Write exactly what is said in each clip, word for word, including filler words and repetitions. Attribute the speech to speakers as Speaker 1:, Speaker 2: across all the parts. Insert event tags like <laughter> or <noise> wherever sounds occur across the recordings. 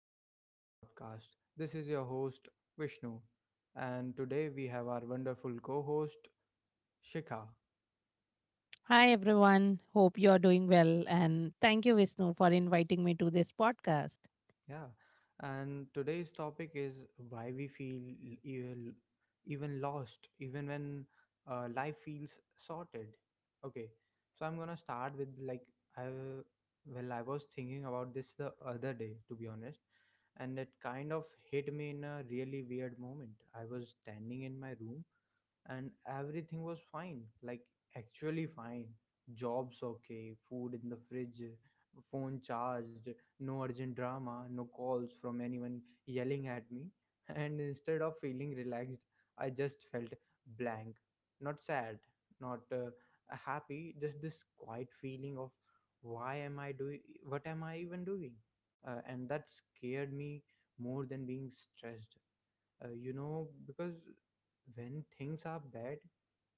Speaker 1: Welcome back to the podcast. This is your host, Vishnu. And today we have our wonderful co host, Shikha.
Speaker 2: Hi, everyone. Hope you're doing well. And thank you, Vishnu, for inviting me to this podcast.
Speaker 1: Yeah. And today's topic is why we feel e- even lost, even when uh, life feels sorted. Okay. So I'm going to start with like, I, well, I was thinking about this the other day, to be honest. And it kind of hit me in a really weird moment. I was standing in my room, and everything was fine, like actually fine. Jobs okay, food in the fridge, phone charged, no urgent drama, no calls from anyone yelling at me. <laughs> And instead of feeling relaxed, I just felt blank. Not sad, not uh, happy, just this quiet feeling of, why am I doing, what am I even doing? Uh, and that scared me more than being stressed. Uh, you know because when things are bad,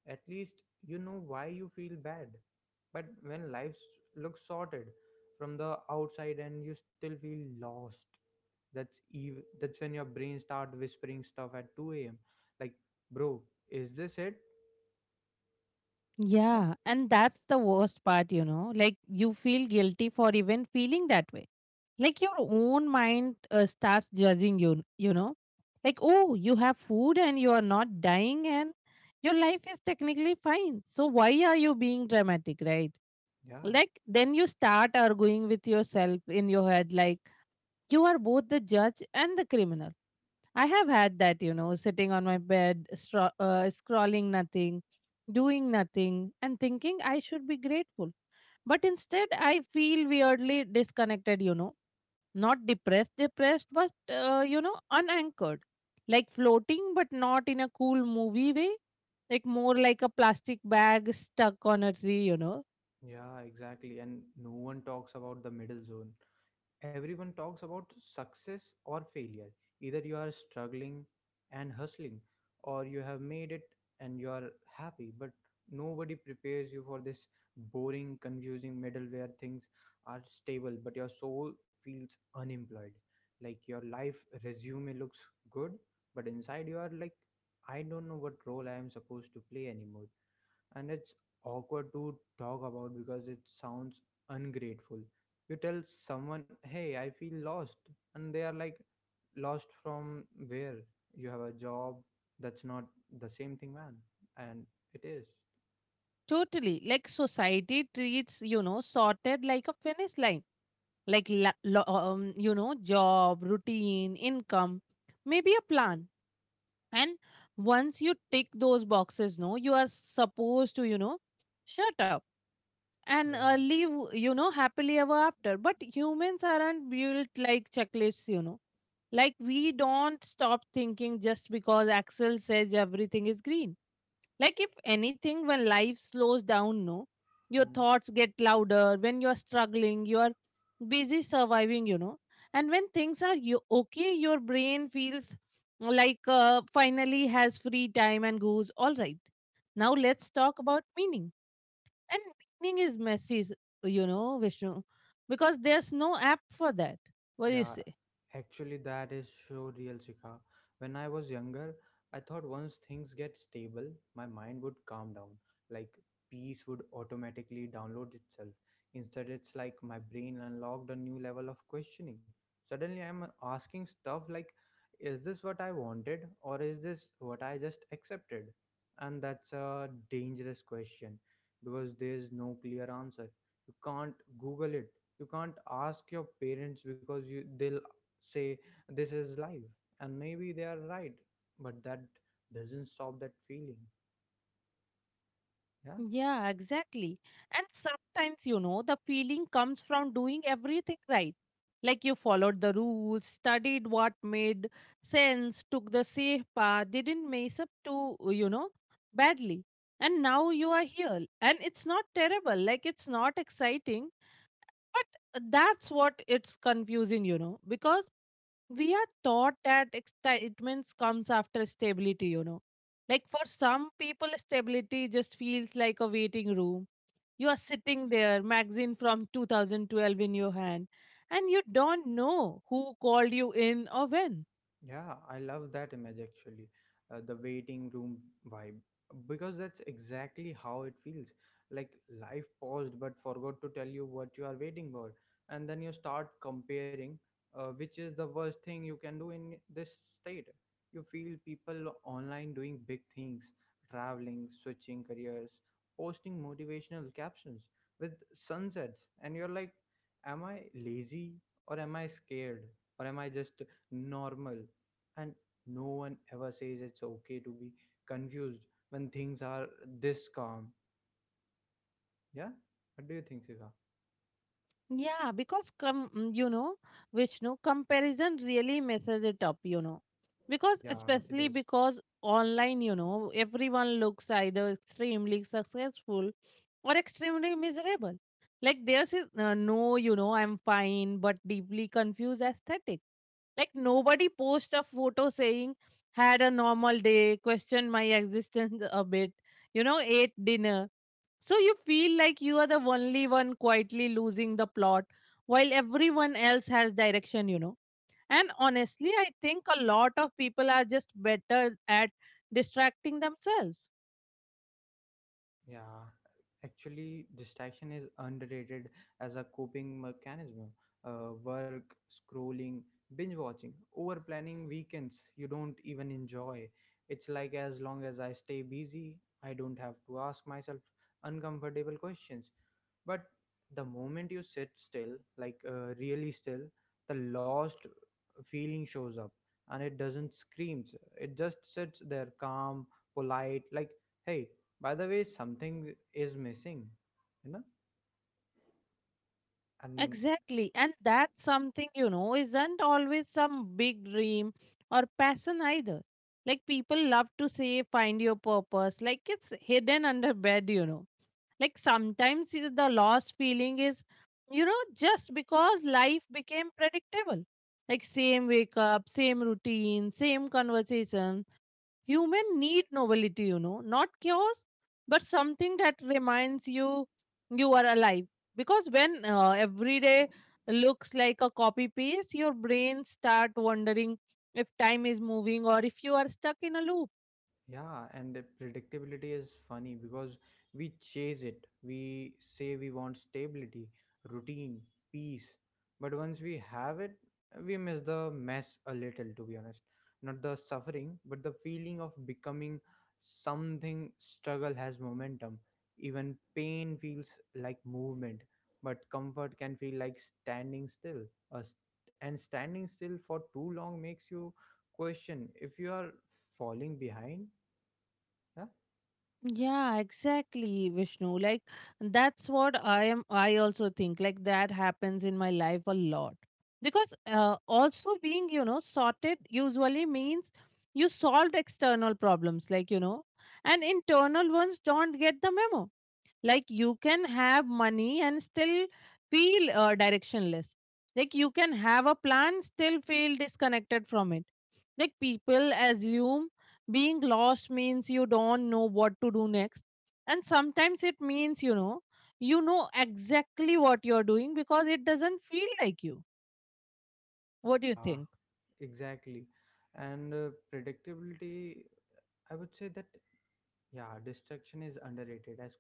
Speaker 1: at least you know why you feel bad. But when life s- looks sorted from the outside and you still feel lost, that's ev- that's when your brain start whispering stuff at two a.m., like, bro, is this it? Yeah,
Speaker 2: Yeah. And that's the worst part, you know. Like, you feel guilty for even feeling that way. Like, your own mind uh, starts judging you, you know. Like, oh, you have food and you are not dying, and your life is technically fine. So, why are you being dramatic, right?
Speaker 1: yeah,
Speaker 2: Like, then you start arguing with yourself in your head, like, you are both the judge and the criminal. I have had that, you know, sitting on my bed, stro- uh, scrolling nothing, doing nothing, and thinking I should be grateful. But instead, I feel weirdly disconnected, you know, not depressed, depressed, but, uh, you know, unanchored. Like floating, but not in a cool movie way. Like more like a plastic bag stuck on a tree, you know.
Speaker 1: yeah, exactly. And no one talks about the middle zone. Everyone talks about success or failure. Either you are struggling and hustling, or you have made it and you are happy, but nobody prepares you for this boring, confusing middle where things are stable, but your soul feels unemployed. Like your life resume looks good, but inside you are like, I don't know what role I am supposed to play anymore, and it's awkward to talk about because it sounds ungrateful. You tell someone, "Hey, I feel lost," and they are like, "Lost from where? You have a job. That's not the same thing, man." And it is.
Speaker 2: Totally. Like society treats, you know, sorted like a finish line, like la- lo- um, you know, job, routine, income, maybe a plan. And once you tick those boxes, no, you are supposed to, you know, shut up and uh,
Speaker 1: Yeah.
Speaker 2: live, you know, happily ever after. But humans aren't built like checklists, you know. Like we don't stop thinking just because axel says everything is green. Like, if anything, when life slows down, no, your thoughts get louder. When you are struggling, you are busy surviving, you know. And when things are, you okay, your brain feels like uh, finally has free time and goes, all right, now let's talk about meaning. And meaning is messy, s- you know, Vishnu, because there's no app for that. What do you
Speaker 1: Yeah,
Speaker 2: say?
Speaker 1: actually, that is so real, Shikha. When I was younger, I thought once things get stable, my mind would calm down. Like, peace would automatically download itself. Instead, it's like my brain unlocked a new level of questioning. Suddenly, I'm asking stuff like, is this what I wanted, or is this what I just accepted? And that's a dangerous question because there's no clear answer. You can't Google it. You can't ask your parents because you they'll say this is life. And maybe they are right, but that doesn't stop that feeling. Yeah.
Speaker 2: Yeah, exactly. And sometimes, you know, the feeling comes from doing everything right. Like you followed the rules, studied what made sense, took the safe path, didn't mess up too, you know, badly. And now you are here. And it's not terrible, like it's not exciting, but that's what it's confusing, you know, because we are taught that excitement comes after stability, you know. Like for some people, stability just feels like a waiting room. You are sitting there, magazine from two thousand twelve in your hand, and you don't know who called you in or when.
Speaker 1: Yeah, I love that image actually, uh, the waiting room vibe, because that's exactly how it feels. Like life paused but forgot to tell you what you are waiting for. And then you start comparing, uh, which is the worst thing you can do in this state. You feel people online doing big things, traveling, switching careers, posting motivational captions with sunsets, and you're like, am I lazy, or am I scared, or am I just normal? And no one ever says it's okay to be confused when things are this calm. Yeah. What do you think, Sika?
Speaker 2: Yeah, because com- mm, you know, Vishnu, comparison really messes it up, you know. Because
Speaker 1: Yeah, it
Speaker 2: especially
Speaker 1: is.
Speaker 2: because online, you know, everyone looks either extremely successful or extremely miserable. Like theirs is uh, no, you know, I'm fine, but deeply confused aesthetic. Like nobody posts a photo saying had a normal day, questioned my existence a bit, you know, ate dinner. So you feel like you are the only one quietly losing the plot while everyone else has direction, you know. And honestly, I think a lot of people are just better at distracting themselves.
Speaker 1: Yeah, actually, distraction is underrated as a coping mechanism. Uh, work, scrolling, binge watching, over planning weekends you don't even enjoy. It's like, as long as I stay busy, I don't have to ask myself uncomfortable questions. But the moment you sit still, like uh, really still, the lost feeling shows up. And it doesn't screams, it just sits there, calm, polite, like, hey, by the way, something is missing you know and
Speaker 2: Exactly. And that's something, you know, isn't always some big dream or passion either. Like people love to say, find your purpose. Like it's hidden under bed, you know. Like sometimes i- the lost feeling is, you know, just because life became predictable. Like same wake up, same routine, same conversation. Human need novelty, you know, not chaos, but something that reminds you you are alive. Because when uh, every day looks like a copy paste, your brain start wondering if time is moving or if you are stuck in a loop.
Speaker 1: yeah, and the predictability is funny because we chase it. We say we want stability, routine, peace. But once we have it, we miss the mess a little, to be honest. Not the suffering, but the feeling of becoming something. Struggle has momentum. Even pain feels like movement, but comfort can feel like standing still. A st- and standing still for too long makes you question if you are falling behind. Yeah,
Speaker 2: Yeah, exactly, Vishnu. Like that's what I am I also think like that happens in my life a lot. Because uh, also being, you know, sorted usually means you solved external problems like, you know, and internal ones don't get the memo. Like you can have money and still feel uh, directionless. Like you can have a plan, still feel disconnected from it. Like people assume being lost means you don't know what to do next. And sometimes it means, you know, you know exactly what you're doing because it doesn't feel like you. What do you
Speaker 1: yeah,
Speaker 2: think?
Speaker 1: exactly. And uh, predictability, I would say that, yeah, distraction is underrated as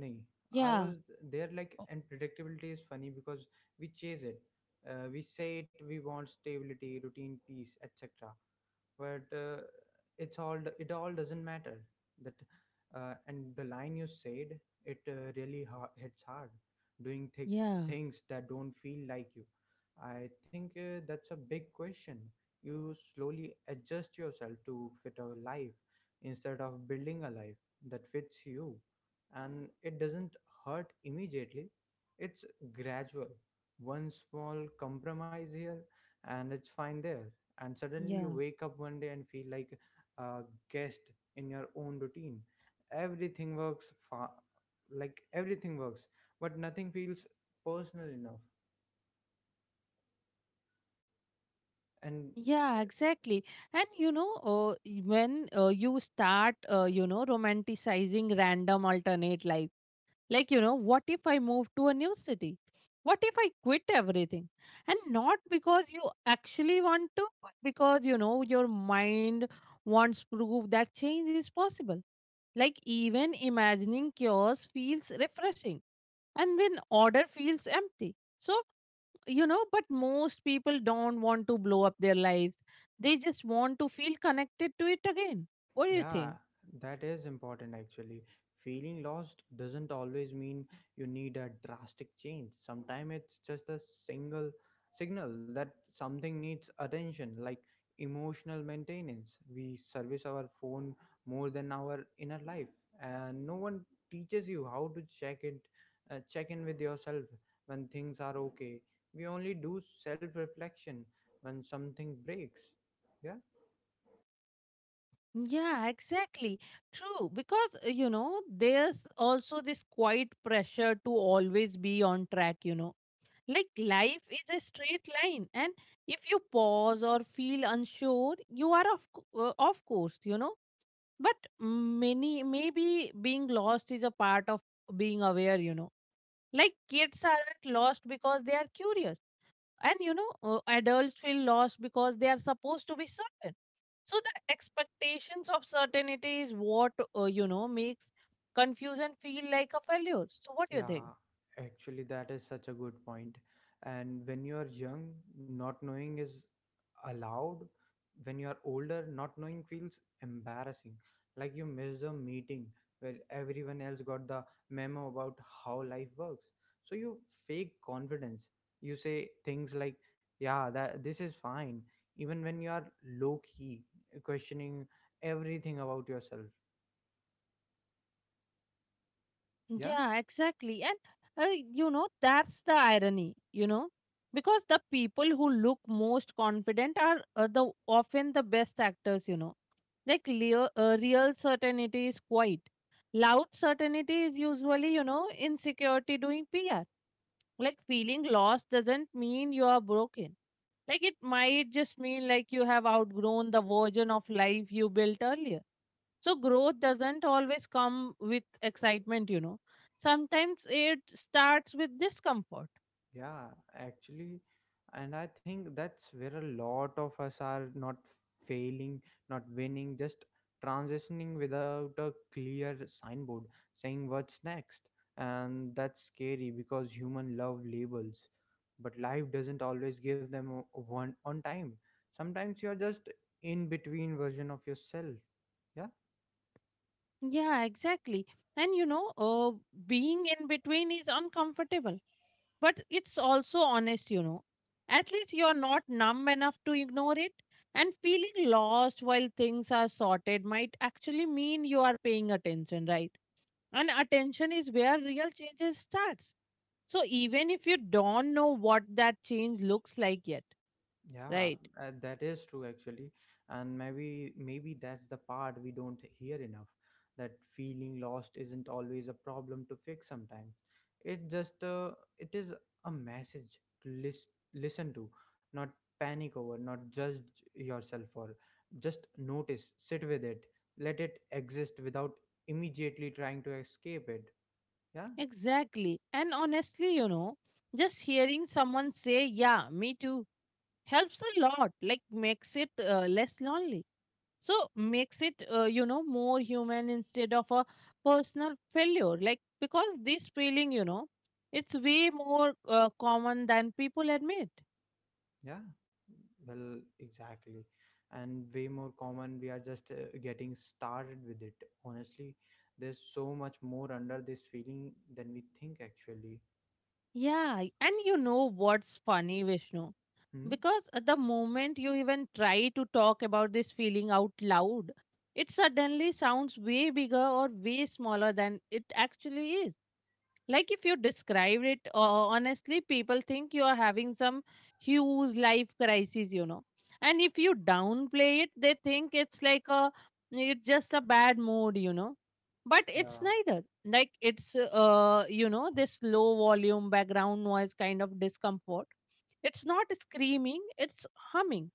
Speaker 1: nahi. I
Speaker 2: Yeah.
Speaker 1: was there, like,
Speaker 2: o-
Speaker 1: and predictability is funny because we chase it. Uh, we say it, we want stability, routine, peace, et cetera But uh, it's all it all doesn't matter that uh, And the line you said, it uh, really ha- hits hard, doing things
Speaker 2: Yeah.
Speaker 1: things that don't feel like you. I think uh, that's a big question. You slowly adjust yourself to fit a life instead of building a life that fits you. And it doesn't hurt immediately, it's gradual. One small compromise here, and it's fine there, and suddenly you
Speaker 2: Yeah.
Speaker 1: wake up one day and feel like a guest in your own routine. Everything works fa- like everything works, but nothing feels personal enough. And
Speaker 2: Yeah, exactly. And you know, uh, y- when uh, you start, uh, you know, romanticizing random alternate life. Like, you know, what if I move to a new city? What if I quit everything? And not because you actually want to, but because, you know, your mind wants proof that change is possible. Like, even imagining chaos feels refreshing, and when order feels empty. So, you know, but most people don't want to blow up their lives, they just want to feel connected to it again. What do you
Speaker 1: yeah,
Speaker 2: think?
Speaker 1: that is important actually. Feeling lost doesn't always mean you need a drastic change. Sometimes it's just a single signal that something needs attention, like emotional maintenance. We service our phone more than our inner life, and no one teaches you how to check it, uh, check in with yourself when things are okay. We only do self reflection when something breaks. Yeah.
Speaker 2: Yeah, exactly. True. Because, uh, you know, there's also this quiet pressure to always be on track, you know. Like life is a straight line, and if you pause or feel unsure, you are off, co- uh, off course, you know. But many, maybe being lost is a part of being aware, you know. Like kids aren't lost because they are curious, and you know, uh, adults feel lost because they are supposed to be certain. So the expectations of certainty is what, uh, you know, makes confusion feel like a failure. So what do you think?
Speaker 1: Yeah, actually, that is such a good point. And when you are young, not knowing is allowed. When you are older, not knowing feels embarrassing. Like you missed a meeting where everyone else got the memo about how life works. So you fake confidence. You say things like, yeah, that this is fine, even when you are low key, questioning everything about yourself. Yeah.
Speaker 2: Yeah, exactly. And uh, you know, that's the irony, you know, because the people who look most confident are uh, the often the best actors, you know. Like leo- uh, real certainty is quiet. Loud certainty is usually, you know, insecurity doing P R. Like feeling lost doesn't mean you are broken. Like it might just mean, like, you have outgrown the version of life you built earlier. So growth doesn't always come with excitement, you know. Sometimes it starts with discomfort.
Speaker 1: Yeah, actually, and I think that's where a lot of us are, not failing, not winning, just transitioning without a clear signboard saying what's next. And that's scary because human love labels, but life doesn't always give them o- one on time. Sometimes you're just in between version of yourself. Yeah.
Speaker 2: Yeah, exactly. And you know, uh, being in between is uncomfortable, but it's also honest, you know. At least you're not numb enough to ignore it. And feeling lost while things are sorted might actually mean you are paying attention, right? And attention is where real changes starts. So even if you don't know what that change looks like yet,
Speaker 1: Yeah,
Speaker 2: right?
Speaker 1: uh, that is true actually, and maybe maybe that's the part we don't hear enough. That feeling lost isn't always a problem to fix. Sometimes it just uh, it is a message to list, listen to, not panic over, not judge yourself for. Just notice, sit with it, let it exist without immediately trying to escape it. Yeah.
Speaker 2: Exactly. And honestly, you know, just hearing someone say, yeah, me too, helps a lot, like makes it uh, less lonely, so makes it, uh, you know, more human instead of a personal failure. Like because this feeling, you know, it's way more uh, common than people admit.
Speaker 1: Yeah, well, exactly. And way more common, we are just uh, getting started with it. Honestly, there's so much more under this feeling than we think, actually.
Speaker 2: Yeah, and you know what's funny, Vishnu,
Speaker 1: Hmm?
Speaker 2: because at the moment you even try to talk about this feeling out loud, it suddenly sounds way bigger or way smaller than it actually is. Like if you described it uh, honestly, people think you are having some huge life crisis, you know. And if you downplay it, they think it's like a, it's just a bad mood, you know. But it's
Speaker 1: Yeah.
Speaker 2: neither. Like it's uh you know, this low volume background noise kind of discomfort. It's not screaming, it's humming.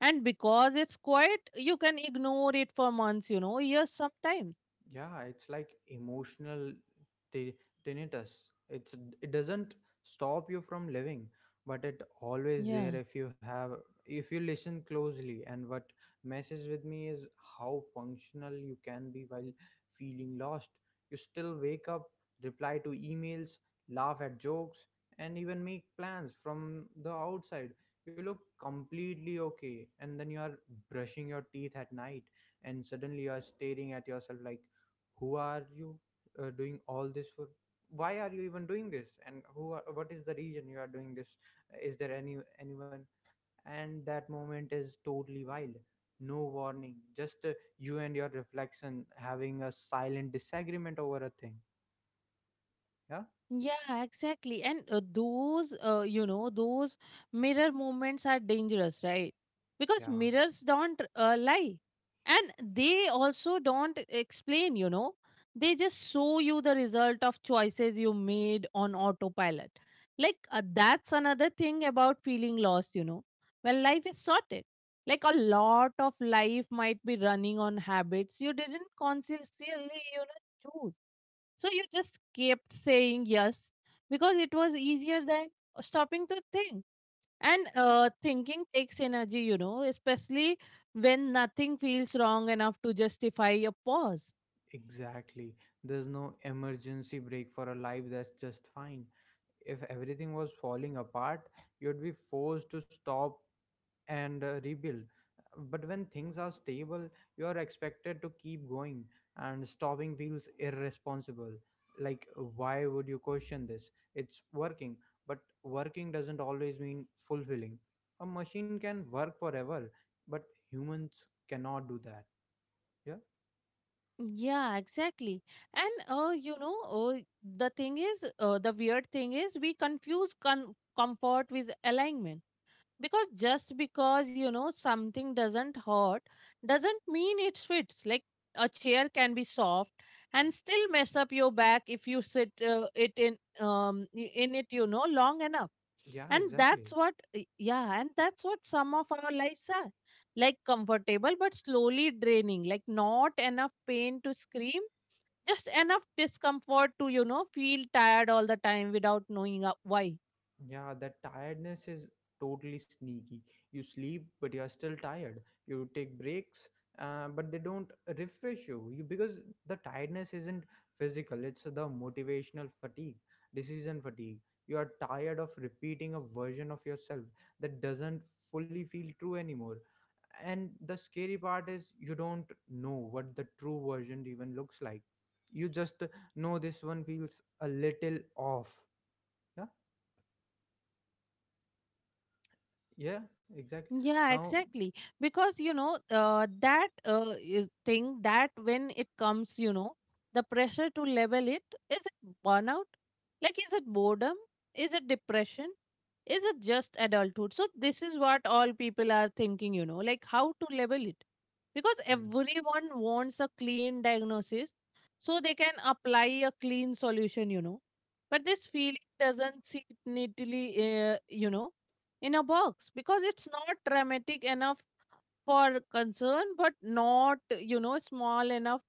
Speaker 2: And because it's quiet, you can ignore it for months, you know, years sometimes.
Speaker 1: Yeah, it's like emotional t- tinnitus. It's it doesn't stop you from living, but it always there,
Speaker 2: Yeah.
Speaker 1: if you have if you listen closely. And what messes with me is how functional you can be while feeling lost. You still wake up, reply to emails, laugh at jokes, and even make plans. From the outside, you look completely okay. And then you are brushing your teeth at night, and suddenly you are staring at yourself like, who are you uh, doing all this for? Why are you even doing this, and who are, what is the reason you are doing this? Is there any anyone? And that moment is totally wild. No warning, just uh, you and your reflection having a silent disagreement over a thing. Yeah.
Speaker 2: Yeah, exactly. And uh, those, uh, you know, those mirror movements are dangerous, right? Because
Speaker 1: Yeah,
Speaker 2: mirrors don't uh, lie. And they also don't explain, you know. They just show you the result of choices you made on autopilot. Like, uh, that's another thing about feeling lost, you know. Well, life is sorted, like a lot of life might be running on habits you didn't consciously, you know, choose, so you just kept saying yes because it was easier than uh, stopping to think. And uh, thinking takes energy, you know, especially when nothing feels wrong enough to justify a pause.
Speaker 1: exactly. There's no emergency break for a life that's just fine. If everything was falling apart, you'd be forced to stop and uh, rebuild. But when things are stable, you are expected to keep going, and stopping feels irresponsible. Like, why would you question this? It's working, but working doesn't always mean fulfilling. A machine can work forever, but humans cannot do that. Yeah,
Speaker 2: Yeah, exactly. And uh, you know, uh, the thing is, uh, the weird thing is, we confuse con- comfort with alignment, because just because you know something doesn't hurt doesn't mean it fits. Like a chair can be soft and still mess up your back if you sit uh, it in um, i- in it, you know, long enough.
Speaker 1: yeah,
Speaker 2: And that's
Speaker 1: exactly.
Speaker 2: what y- Yeah, and that's what some of our lives are, like comfortable but slowly draining, like not enough pain to scream, just enough discomfort to, you know, feel tired all the time without knowing uh, why.
Speaker 1: Yeah, that tiredness is totally sneaky. You sleep, but you are still tired. You take breaks, uh, but they don't refresh you. You because the tiredness isn't physical; it's the motivational fatigue, decision fatigue. You are tired of repeating a version of yourself that doesn't fully feel true anymore. And the scary part is you don't know what the true version even looks like. You just know this one feels a little off. Yeah. Yeah, exactly.
Speaker 2: Yeah,
Speaker 1: Now.
Speaker 2: exactly. Because, you know, uh, that uh, is- thing that when it comes, you know, the pressure to level it, is it burnout? Like, is it boredom? Is it depression? Is it just adulthood? So, this is what all people are thinking, you know, like how to level it. Because
Speaker 1: Hmm.
Speaker 2: everyone wants a clean diagnosis, so they can apply a clean solution, you know. But this feeling doesn't sit neatly, uh, you know, in a box, because it's not dramatic enough for concern but not, you know, small enough,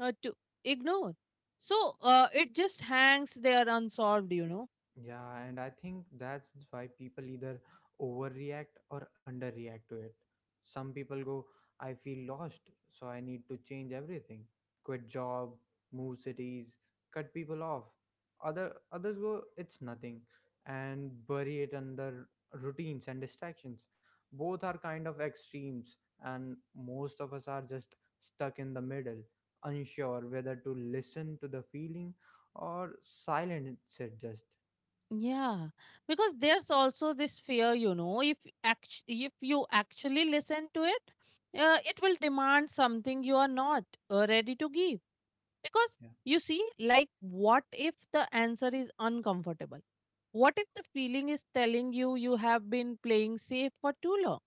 Speaker 2: uh, to ignore. So uh, it just hangs there unsolved, you know.
Speaker 1: Yeah, and I think that's why people either overreact or underreact to it. Some people go, I feel lost, so I need to change everything. Quit job, move cities, cut people off. Other others go, it's nothing, and bury it under routines and distractions. Both are kind of extremes, and most of us are just stuck in the middle, unsure whether to listen to the feeling or silence it just.
Speaker 2: Yeah, because there's also this fear, you know, if act- if you actually listen to it, uh, it will demand something you are not uh, ready to give. Because
Speaker 1: Yeah.
Speaker 2: you see, like, what if the answer is uncomfortable? What if the feeling is telling you you have been playing safe for too long?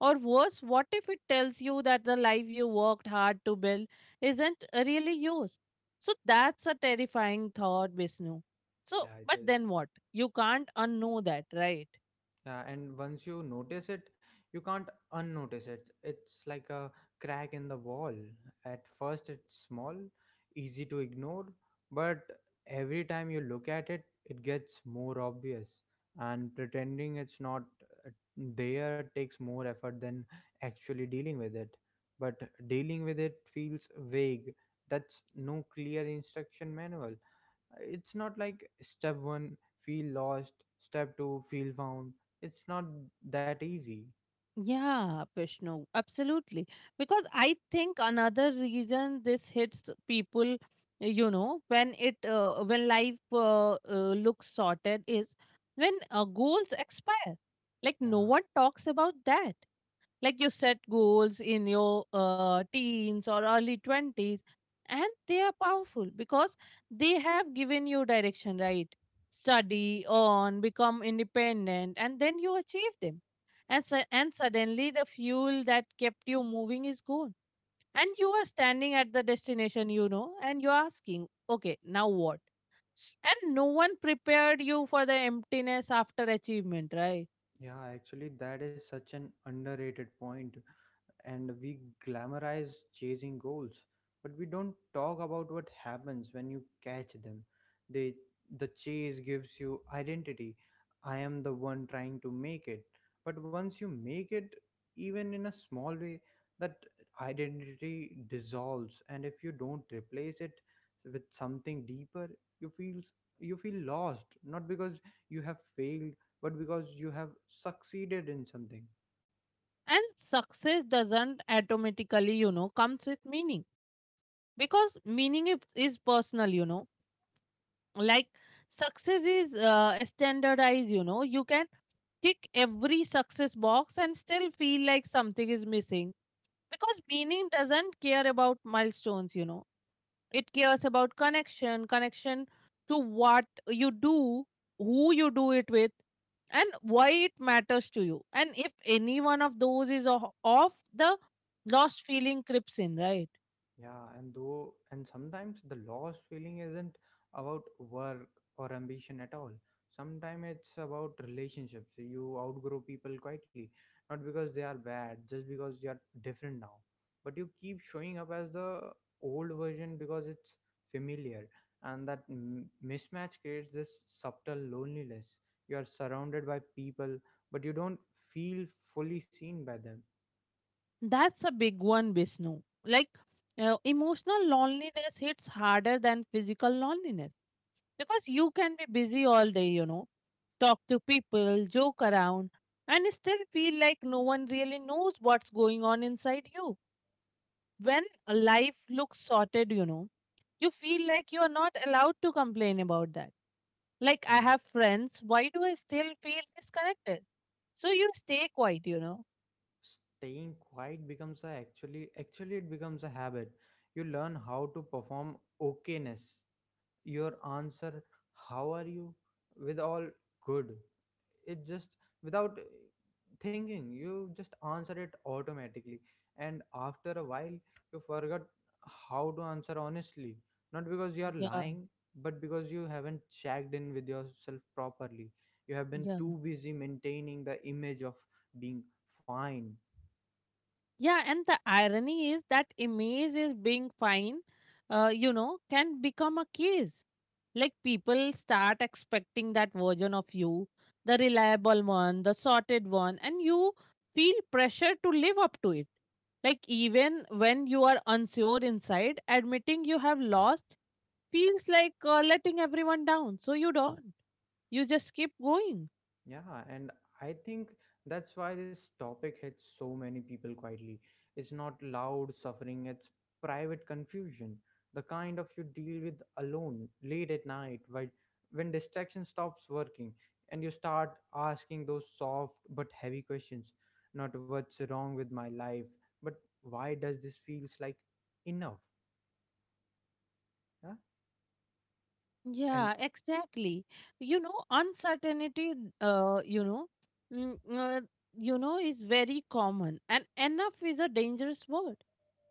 Speaker 2: Or worse, what if it tells you that the life you worked hard to build isn't really yours? So that's a terrifying thought, Vishnu. So,
Speaker 1: Yeah, it
Speaker 2: but
Speaker 1: is.
Speaker 2: then what? You can't unknow that, right?
Speaker 1: Yeah, and once you notice it, you can't unnotice it. It's like a crack in the wall. At first, it's small, easy to ignore, but every time you look at it, it gets more obvious. And pretending it's not uh, there takes more effort than actually dealing with it. But dealing with it feels vague. That's no clear instruction manual. It's not like step one, feel lost, step two, feel found. It's not that easy.
Speaker 2: Yeah, Vishnu, absolutely. Because I think another reason this hits people, you know, when it uh, when life uh, uh, looks sorted is when uh, goals expire. Like no
Speaker 1: Yeah.
Speaker 2: one talks about that. Like you set goals in your uh, teens or early twenties, and they are powerful because they have given you direction, right? Study on, become independent, and then you achieve them. And su- and suddenly the fuel that kept you moving is gone, and you are standing at the destination, you know, and you're asking, okay, now what? And no one prepared you for the emptiness after achievement, right?
Speaker 1: Yeah, actually, that is such an underrated point. And we glamorize chasing goals, but we don't talk about what happens when you catch them. They, the chase gives you identity. I am the one trying to make it. But once you make it, even in a small way, that identity dissolves. And if you don't replace it with something deeper, you feel you feel lost. Not because you have failed but because you have succeeded in something.
Speaker 2: And success doesn't automatically, you know, comes with meaning because meaning is is personal, you know. Like success is uh, standardized, you know. You can tick every success box and still feel like something is missing because meaning doesn't care about milestones, you know, it cares about connection, connection to what you do, who you do it with, and why it matters to you. And if any one of those is o- off, the lost feeling creeps in, right?
Speaker 1: Yeah, and though and sometimes the lost feeling isn't about work or ambition at all. Sometimes it's about relationships. You outgrow people quietly, not because they are bad, just because you are different now, but you keep showing up as the old version because it's familiar. And that m- mismatch creates this subtle loneliness. You are surrounded by people but you don't feel fully seen by them.
Speaker 2: That's a big one, Vishnu. Like, uh, emotional loneliness hits harder than physical loneliness because you can be busy all day, you know, talk to people, joke around, and still feel like no one really knows what's going on inside you when a life looks sorted, you know, you feel like you are not allowed to complain about that. Like,
Speaker 1: Yeah.
Speaker 2: I have friends, why do I still feel disconnected? So you stay quiet, you know.
Speaker 1: Staying quiet becomes a actually actually it becomes a habit. You learn how to perform okayness. Your answer, how are you, with all good, it just, without uh, thinking, you just answer it automatically. And after a while you forgot how to answer honestly, not because you are
Speaker 2: Yeah,
Speaker 1: lying but because you haven't checked in with yourself properly. You have been
Speaker 2: yeah.
Speaker 1: too busy maintaining the image of being fine.
Speaker 2: Yeah, and the irony is that image is being fine, uh, you know, can become a case. Like people start expecting that version of you, the reliable one, the sorted one, and you feel pressure to live up to it. Like even when you are unsure inside, admitting you have lost feels like uh, letting everyone down. So you don't. You just keep going.
Speaker 1: Yeah, and I think that's why this topic hits so many people quietly. It's not loud suffering, it's private confusion, the kind of you deal with alone late at night, while when distraction stops working and you start asking those soft but heavy questions. Not what's wrong with my life, but why does this feels like enough? Yeah, and
Speaker 2: Yeah, exactly. You know, uncertainty, uh, you know, mm, uh, you know, is very common, and enough is a dangerous word.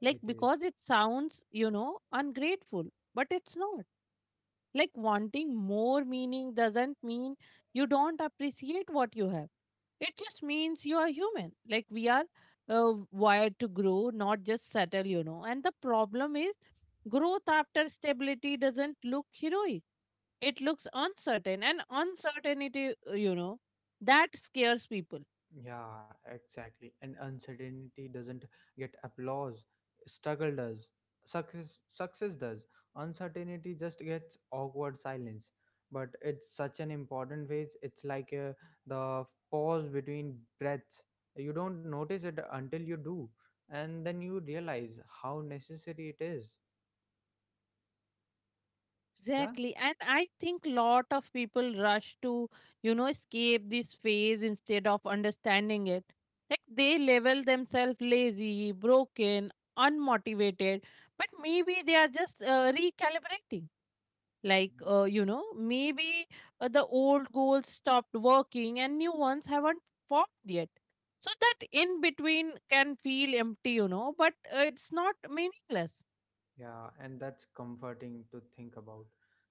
Speaker 2: Like,
Speaker 1: it is.
Speaker 2: because it sounds, you know, ungrateful, but it's not. Like, wanting more meaning doesn't mean you don't appreciate what you have. It just means you are human. Like, we are uh, wired to grow, not just settle, you know. And the problem is, growth after stability doesn't look heroic. It looks uncertain, and uncertainty, uh, you know, that scares people.
Speaker 1: Yeah, exactly. And uncertainty doesn't get applause. Struggle does. Success success does. Uncertainty just gets awkward silence. But it's such an important phase. It's like uh, the pause between breaths. You don't notice it until you do, and then you realize how necessary it is. Yeah.
Speaker 2: Exactly. And I think lot of people rush to, you know, escape this phase instead of understanding it. Like they label themselves lazy, broken, unmotivated, but maybe they are just uh, recalibrating. Like uh, you know, maybe uh, the old goals stopped working and new ones haven't formed yet, so that in between can feel empty, you know, but uh, it's not meaningless.
Speaker 1: Yeah, and that's comforting to think about.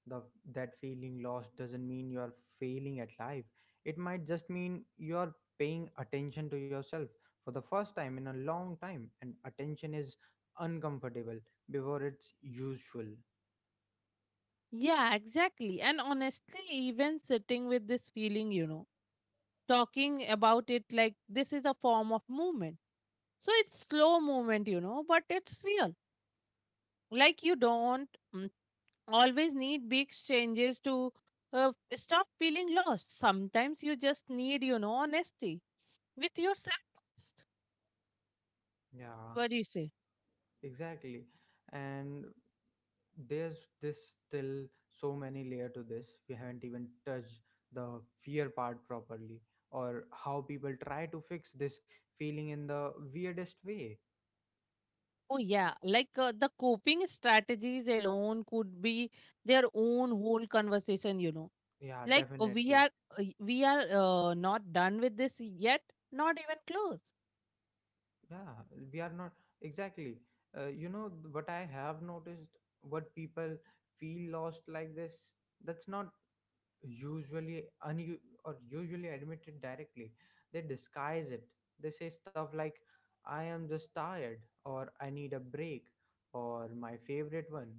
Speaker 1: The that feeling lost doesn't mean you are failing at life. It might just mean you are paying attention to yourself for the first time in a long time, and attention is uncomfortable before it's usual.
Speaker 2: Yeah, exactly. And honestly, even sitting with this feeling, you know, talking about it like this is a form of movement. So it's slow movement, you know, but it's real. Like you don't always need big changes to uh, stop feeling lost. Sometimes you just need, you know, honesty with yourself. First.
Speaker 1: Yeah.
Speaker 2: What do you say?
Speaker 1: Exactly. And there's this still so many layer to this. We haven't even touched the fear part properly or how people try to fix this feeling in the weirdest way.
Speaker 2: Oh, yeah. Like uh, the coping strategies alone could be their own whole conversation, you know.
Speaker 1: Yeah,
Speaker 2: Like uh, we
Speaker 1: definitely.
Speaker 2: are, uh, we are uh, not done with this yet, not even close.
Speaker 1: Yeah, we are not, exactly. Uh, you know what I have noticed, what people feel lost like this, that's not usually un- or usually admit it directly. They disguise it. They say stuff like, I am just tired, or I need a break, or my favorite one,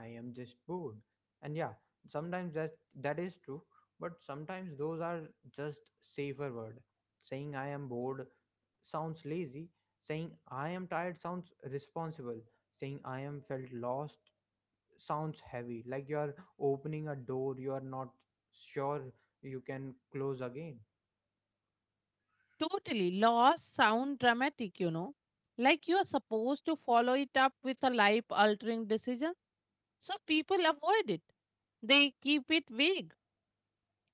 Speaker 1: I am just bored. And yeah, sometimes that that is true, but sometimes those are just safer word. Saying I am bored sounds lazy, saying I am tired sounds responsible, saying I am felt lost sounds heavy, like you're opening a door you're not sure you can close again.
Speaker 2: Totally lost sound dramatic, you know. Like you are supposed to follow it up with a life altering decision. So people avoid it. They keep it vague.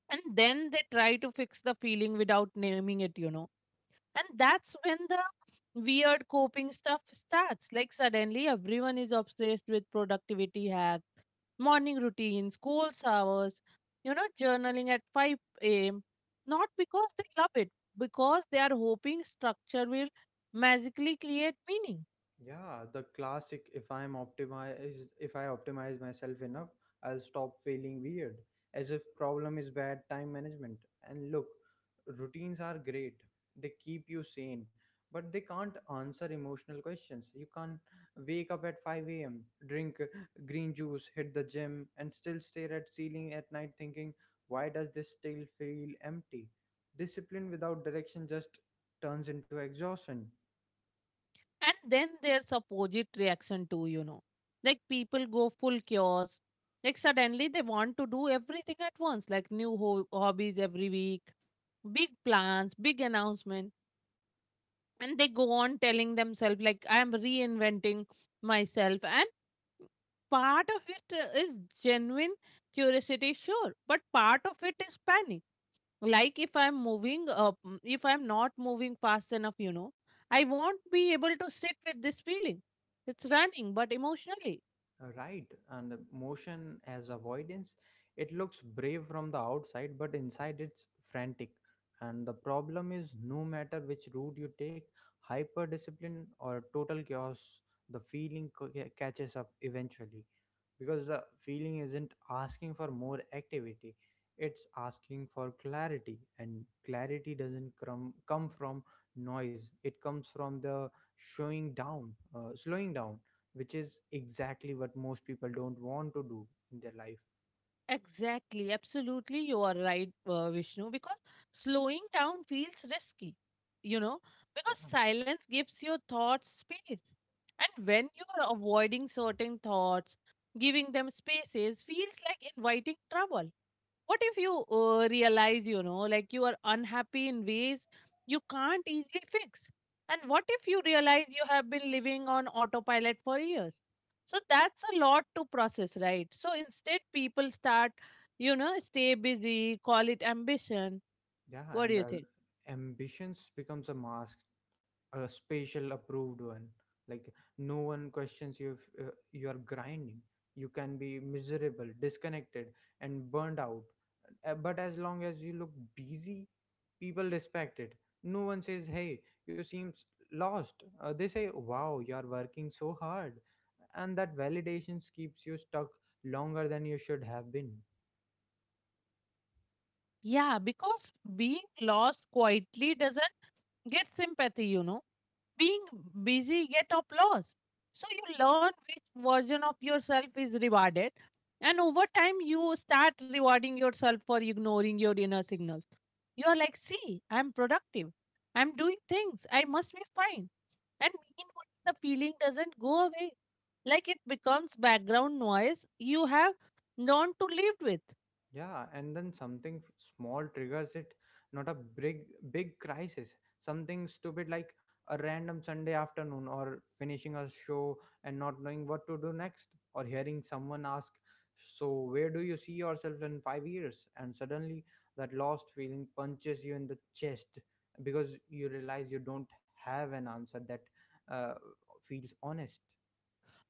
Speaker 2: And then they try to fix the feeling without naming it, you know. And that's when the weird coping stuff starts. Like suddenly everyone is obsessed with productivity hacks, morning routines, cold showers, you know, journaling at five a m. Not because they love it, because they are hoping structure will magically create meaning.
Speaker 1: Yeah, the classic if I'm optimized if I optimize myself enough, I'll stop feeling weird. As if problem is bad time management. And look, routines are great. They keep you sane, but they can't answer emotional questions. You can't wake up at five a m, drink green juice, hit the gym, and still stare at ceiling at night thinking, why does this still feel empty? Discipline without direction just turns into exhaustion.
Speaker 2: And then there's opposite reaction too, you know. Like people go full chaos. Like suddenly they want to do everything at once, like new ho- hobbies every week, big plans, big announcement, and they go on telling themselves like I am reinventing myself. And part of it uh, is genuine curiosity, sure, but part of it is panic. Like if I'm moving up, if I'm not moving fast enough, you know, I won't be able to sit with this feeling. It's running but emotionally.
Speaker 1: Uh, Right, and motion as avoidance, it looks brave from the outside, but inside it's frantic. And the problem is, no matter which route you take, hyper discipline or total chaos, the feeling co- ca- catches up eventually, because the feeling isn't asking for more activity, it's asking for clarity. And clarity doesn't come come from noise, it comes from the showing down uh, slowing down, which is exactly what most people don't want to do in their life.
Speaker 2: Exactly, absolutely, you are right, uh, Vishnu, because slowing down feels risky, you know, because
Speaker 1: Yeah.
Speaker 2: silence gives your thoughts space. And when you are avoiding certain thoughts, giving them spaces feels like inviting trouble. What if you uh, realize, you know, like you are unhappy in ways you can't easily fix? And what if you realize you have been living on autopilot for years? So that's a lot to process, right? So instead people start, you know, stay busy, call it ambition.
Speaker 1: Yeah,
Speaker 2: What do
Speaker 1: and
Speaker 2: you
Speaker 1: uh,
Speaker 2: think?
Speaker 1: ambitions becomes a mask, a special approved one. Like no one questions you if uh, you are grinding. You can be miserable, disconnected, and burned out. Uh, but as long as you look busy, people respect it. No one says, hey, you seems lost. Uh, they say, wow, you are working so hard. And that validations keeps you stuck longer than you should have been.
Speaker 2: Yeah, because being lost quietly doesn't get sympathy, you know. Being busy get applause. So you learn which version of yourself is rewarded, and over time you start rewarding yourself for ignoring your inner signals. You are like, see, I'm productive, I'm doing things, I must be fine. And meanwhile the feeling doesn't go away. Like it becomes background noise you have learned to live with.
Speaker 1: Yeah, and then something f- small triggers it. Not a big big crisis, something stupid like a random Sunday afternoon, or finishing a show and not knowing what to do next, or hearing someone ask, so where do you see yourself in five years? And suddenly that lost feeling punches you in the chest, because you realize you don't have an answer that uh, feels honest.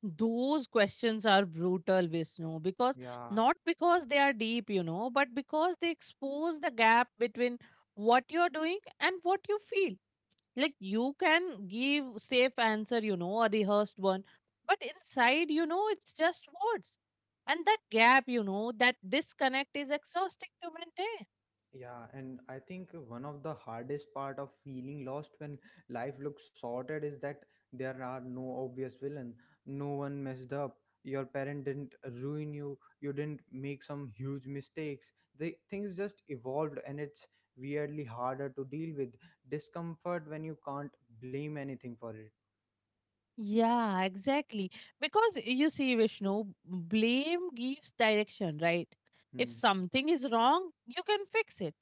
Speaker 2: Those questions are brutal, Vishnu, because
Speaker 1: Yeah.
Speaker 2: not because they are deep, you know, but because they expose the gap between what you're doing and what you feel. Like you can give safe answer, you know, a rehearsed one, but inside you know it's just words. And that gap, you know, that disconnect is exhausting to maintain.
Speaker 1: Yeah, and I think one of the hardest part of feeling lost when life looks sorted is that there are no obvious villain. No one messed up. Your parent didn't ruin you. You didn't make some huge mistakes. The things just evolved, and it's weirdly harder to deal with discomfort when you can't blame anything for it.
Speaker 2: Yeah, exactly. Because you see, Vishnu, blame gives direction, right? If
Speaker 1: Hmm.
Speaker 2: something is wrong, you can fix it.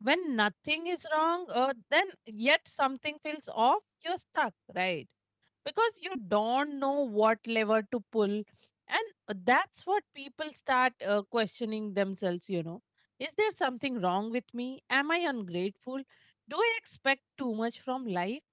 Speaker 2: When nothing is wrong, uh, then yet something feels off, you're stuck, right? Because you don't know what lever to pull. And that's what people start uh, questioning themselves, you know. Is there something wrong with me? Am I ungrateful? Do I expect too much from life?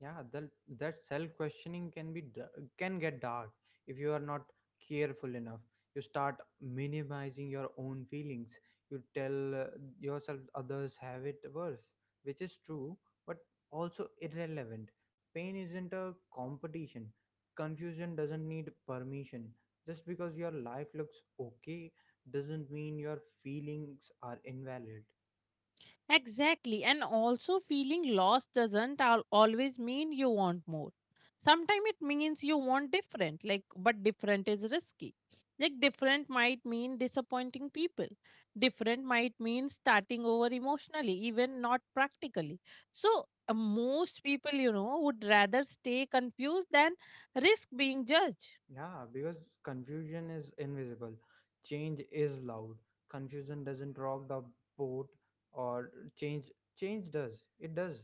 Speaker 1: Yeah, that that self questioning can be d- can get dark. If you are not careful enough you start minimizing your own feelings. You tell uh, yourself others have it worse, which is true, but also irrelevant. Pain isn't a competition, confusion doesn't need permission. Just because your life looks okay doesn't mean your feelings are invalid.
Speaker 2: Exactly. And also, feeling lost doesn't al- always mean you want more. Sometimes it means you want different, like, but different is risky. Like, different might mean disappointing people. Different might mean starting over emotionally, even not practically. So, uh, most people, you know, would rather stay confused than risk being judged.
Speaker 1: Yeah, because confusion is invisible. Change is loud. Confusion doesn't rock the boat, or change change does. It does.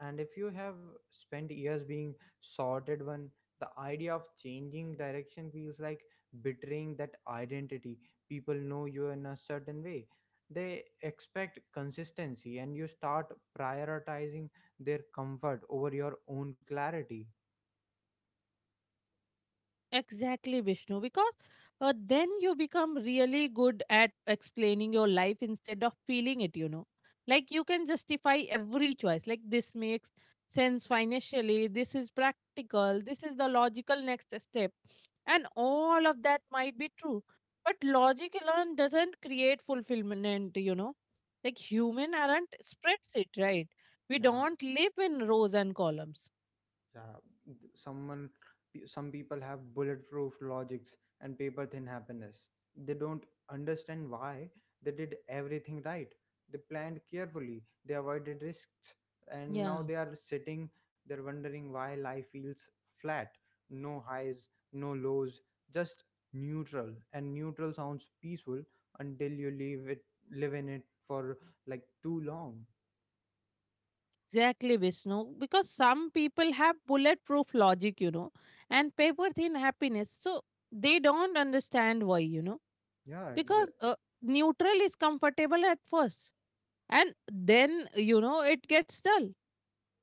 Speaker 1: And if you have spent years being sorted one, the idea of changing direction feels like betraying that identity. People know you in a certain way. They expect consistency and you start prioritizing their comfort over your own clarity.
Speaker 2: Exactly, Vishnu, because uh, then you become really good at explaining your life instead of feeling it, you know. Like you can justify every choice. Like this makes sense financially, this is practical, this is the logical next step. And all of that might be true. But logic alone doesn't create fulfillment, you know. Like human aren't spreadsheet, right? We
Speaker 1: Yeah.
Speaker 2: don't live in rows and columns.
Speaker 1: Yeah, th- someone, pe- some people have bulletproof logics and paper thin happiness. They don't understand why. They did everything right. They planned carefully, they avoided risks, and
Speaker 2: Yeah.
Speaker 1: now they are sitting there wondering why life feels flat. No highs, no lows, just neutral. And neutral sounds peaceful until you leave it, live in it for like too long.
Speaker 2: Exactly, Vishnu. Because some people have bulletproof logic, you know, and paper thin happiness. So they don't understand why, you know,
Speaker 1: Yeah,
Speaker 2: because
Speaker 1: exactly.
Speaker 2: uh, neutral is comfortable at first, and then, you know, it gets dull.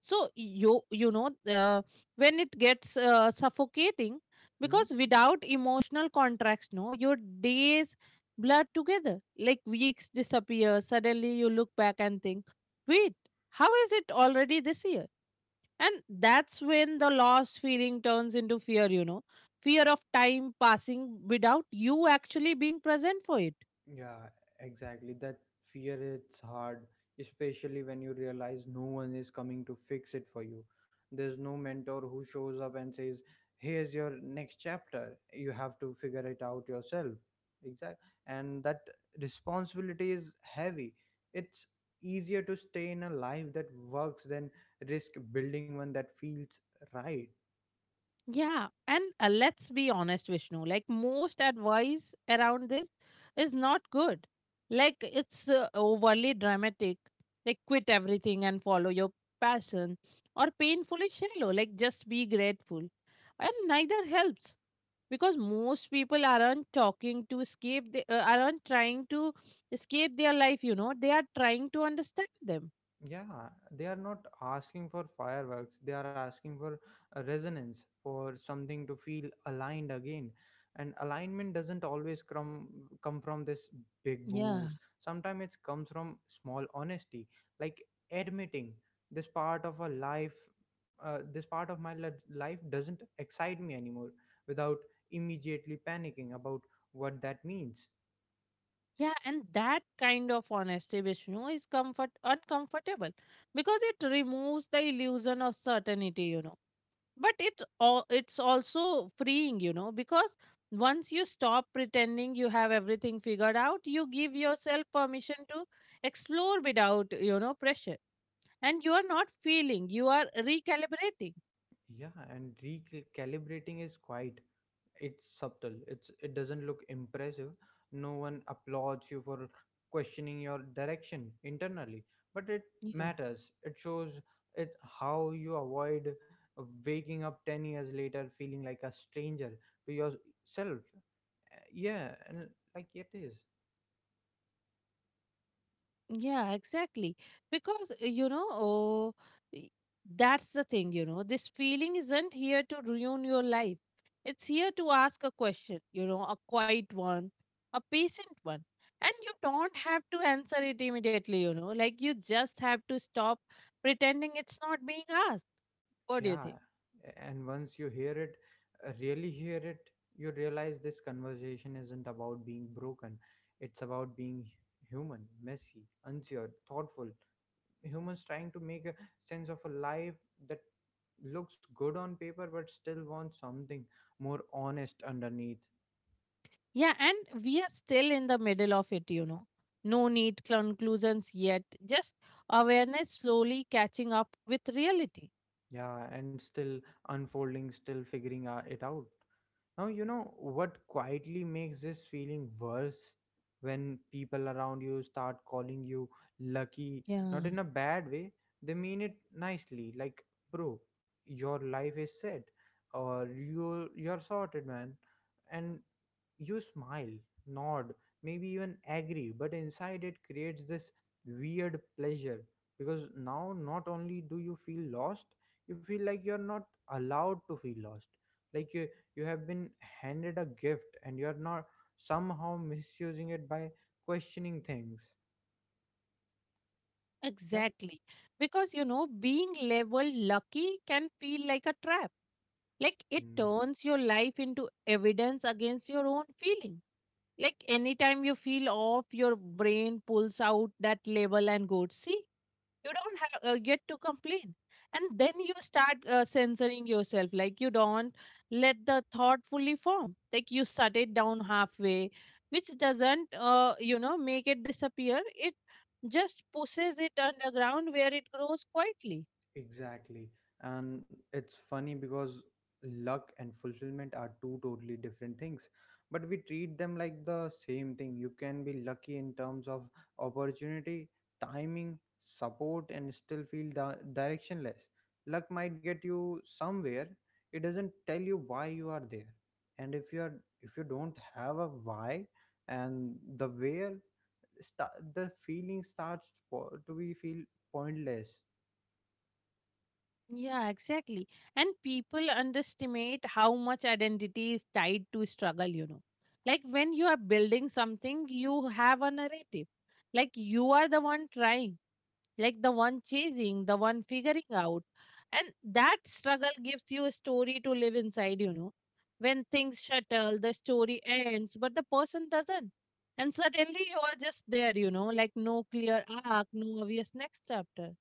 Speaker 2: So you you know uh, when it gets uh, suffocating because without emotional contracts no your days blur together. Like weeks disappear. Suddenly you look back and think, wait, how is it already this year? And that's when the loss feeling turns into fear, you know, fear of time passing without you actually being present for it.
Speaker 1: Yeah, exactly. That fear it's hard, especially when you realize no one is coming to fix it for you. There's no mentor who shows up and says, "Here's your next chapter. You have to figure it out yourself." Exact. And that responsibility is heavy. It's easier to stay in a life that works than risk building one that feels right.
Speaker 2: Yeah, and uh, let's be honest, Vishnu. Like most advice around this is not good. Like it's uh, overly dramatic. Like quit everything and follow your passion, or painfully shallow. Like just be grateful. And neither helps because most people aren't talking to escape. They uh, aren't trying to escape their life. You know, they are trying to understand them.
Speaker 1: Yeah, they are not asking for fireworks. They are asking for a resonance, for something to feel aligned again. And alignment doesn't always come come from this big
Speaker 2: Yeah.
Speaker 1: moves. Sometimes it comes from small honesty, like admitting this part of a life, uh, this part of my li- life doesn't excite me anymore, without immediately panicking about what that means.
Speaker 2: Yeah, and that kind of honesty, Vishnu, is comfort uncomfortable because it removes the illusion of certainty, you know. But it al- it's also freeing, you know, because once you stop pretending you have everything figured out, you give yourself permission to explore without, you know, pressure. And you are not feeling, you are recalibrating.
Speaker 1: Yeah, and recalibrating is quiet, it's subtle, it's it doesn't look impressive. No one applauds you for questioning your direction internally, but it matters. It shows it how you avoid waking up ten years later feeling like a stranger to yourself. Uh, yeah, and like it is.
Speaker 2: Yeah, exactly. Because, uh, you know, oh, y- that's the thing, you know, this feeling isn't here to ruin your life. It's here to ask a question, you know, a quiet one, a patient one. And you don't have to answer it immediately, you know, like you just have to stop pretending it's not being asked. What do you think?
Speaker 1: Yeah, and once you hear it, uh, really hear it, you realize this conversation isn't about being broken, it's about being human. Messy, unsure, thoughtful humans trying to make a sense of a life that looks good on paper but still wants something more honest underneath.
Speaker 2: Yeah, and we are still in the middle of it, you know. No need conclusions yet, just awareness slowly catching up with reality.
Speaker 1: Yeah, and still unfolding, still figuring uh, it out. Now you know what quietly makes this feeling worse? When people around you start calling you lucky,
Speaker 2: Yeah.
Speaker 1: not in a bad way, they mean it nicely, like, bro, your life is set, or you you're sorted man. And you smile, nod, maybe even agree, but inside it creates this weird pleasure, because now not only do you feel lost, you feel like you're not allowed to feel lost. Like you, you have been handed a gift and you're not somehow misusing it by questioning things. Yeah.
Speaker 2: Exactly. Because, you know, being labeled lucky can feel like a trap. Like it
Speaker 1: Hmm.
Speaker 2: turns your life into evidence against your own feeling. Like anytime you feel off, your brain pulls out that label and goes, see, you don't have uh, get to complain. And then you start uh, censoring yourself, like you don't let the thought fully form, like you shut it down halfway, which doesn't uh, you know make it disappear. It just pushes it underground where it grows quietly.
Speaker 1: Exactly. And it's funny because luck and fulfillment are two totally different things, but we treat them like the same thing. You can be lucky in terms of opportunity, timing, support, and still feel di- directionless. Luck might get you somewhere, it doesn't tell you why you are there. And if you're if you don't have a why and the where sta the feeling starts po- to be feel pointless.
Speaker 2: Yeah, exactly. And people underestimate how much identity is tied to struggle, you know. Like when you are building something, you have a narrative. Like you are the one trying, like the one chasing, the one figuring out. And that struggle gives you a story to live inside, you know. When things shuttle, the story ends, but the person doesn't. And suddenly you are just there, you know, like no clear arc, no obvious next chapter.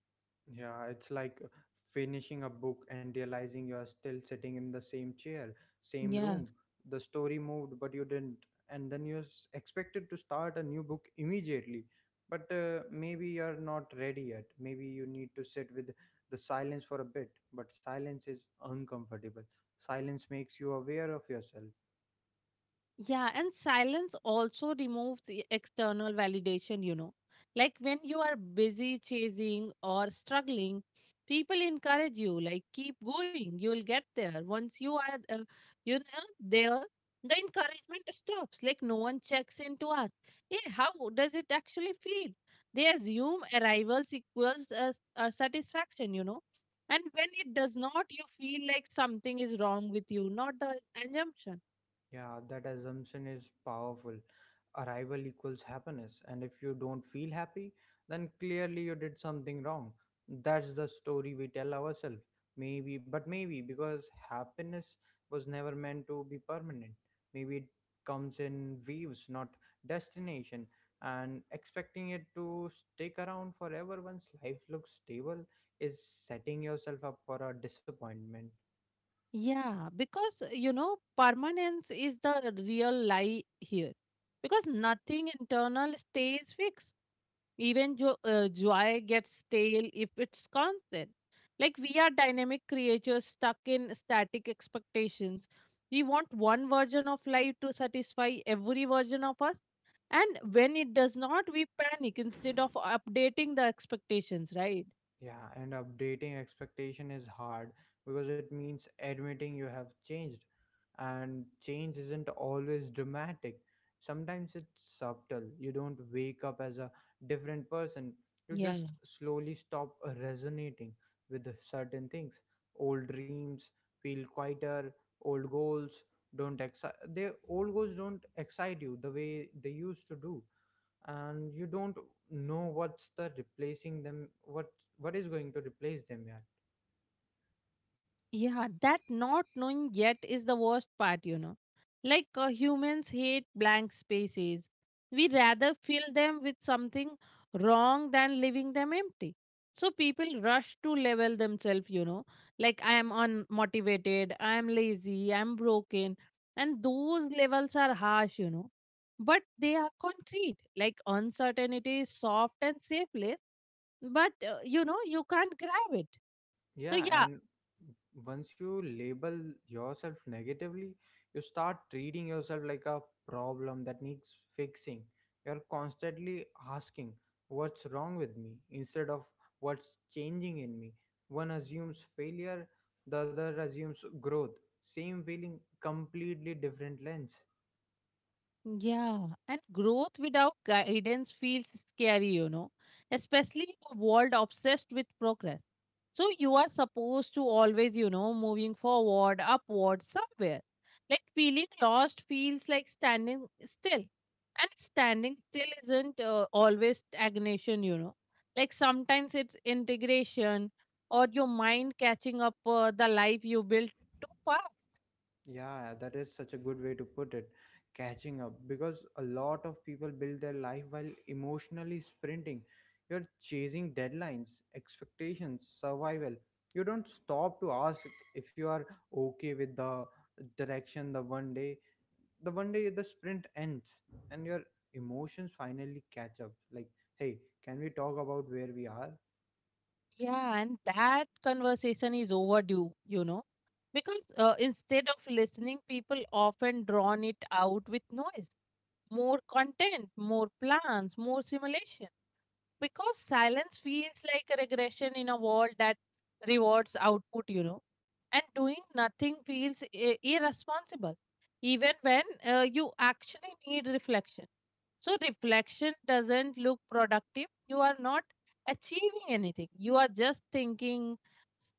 Speaker 1: Yeah, it's like finishing a book and realizing you are still sitting in the same chair, same
Speaker 2: Yeah.
Speaker 1: room. The story moved, but you didn't. And then you're s- expected to start a new book immediately. But uh, maybe you're not ready yet. Maybe you need to sit with the silence for a bit. But silence is uncomfortable. Silence makes you aware of yourself.
Speaker 2: Yeah, and silence also removes the external validation, you know. Like when you are busy chasing or struggling, people encourage you, like, keep going, you'll get there. Once you are, uh, you know, there, the encouragement stops. Like no one checks in to ask, hey, how does it actually feel? They assume arrivals equals uh, s- uh, satisfaction, you know. And when it does not, you feel like something is wrong with you, not the assumption.
Speaker 1: Yeah, that assumption is powerful. Arrival equals happiness, and if you don't feel happy, then clearly you did something wrong. That's the story we tell ourselves. Maybe, but maybe because happiness was never meant to be permanent. Maybe it comes in waves, not destination. And expecting it to stick around forever once life looks stable is setting yourself up for a disappointment.
Speaker 2: Yeah, because uh, you know, permanence is the real lie here. Because nothing internal stays fixed. Even jo- uh, joy gets stale if it's constant. Like we are dynamic creatures stuck in static expectations. We want one version of life to satisfy every version of us. And when it does not, we panic instead of updating the expectations, right?
Speaker 1: Yeah, and updating expectation is hard because it means admitting you have changed, and change isn't always dramatic. Sometimes it's subtle. You don't wake up as a different person, you just slowly stop resonating with certain things. Old dreams feel quieter, old goals don't excite they old goals don't excite you the way they used to do, and you don't know what's the replacing them what what is going to replace them yeah
Speaker 2: Yeah, that not knowing yet is the worst part, you know. Like uh, humans hate blank spaces. We rather fill them with something wrong than leaving them empty. So people rush to level themselves, you know. Like I am unmotivated, I am lazy, I am broken. And those levels are harsh, you know. But they are concrete. Like uncertainty is soft and safeless, but uh, you know, you can't grab it. So
Speaker 1: Yeah,
Speaker 2: yeah.
Speaker 1: and once you label yourself negatively, you start treating yourself like a problem that needs fixing. You're constantly asking, what's wrong with me? Instead of what's changing in me. One assumes failure, the other assumes growth. Same feeling, completely different lens.
Speaker 2: Yeah, and growth without guidance feels scary, you know, especially in a world obsessed with progress. So you are supposed to always, you know, moving forward, upward, somewhere. Like feeling lost feels like standing still. And standing still isn't uh, always stagnation, you know. Like sometimes it's integration, or your mind catching up uh, the life you built too fast.
Speaker 1: Yeah, that is such a good way to put it. Catching up because a lot of people build their life while emotionally sprinting. You're chasing deadlines, expectations, survival. You don't stop to ask if you are okay with the direction. The one day the one day the sprint ends and your emotions finally catch up. Like, hey, can we talk about where we are?
Speaker 2: Yeah, and that conversation is overdue, you know, because uh, instead of listening, people often drawn it out with noise, more content, more plans, more simulation, because silence feels like a regression in a world that rewards output, you know. And doing nothing feels i- irresponsible, even when uh, you actually need reflection. So reflection doesn't look productive. You are not achieving anything, you are just thinking,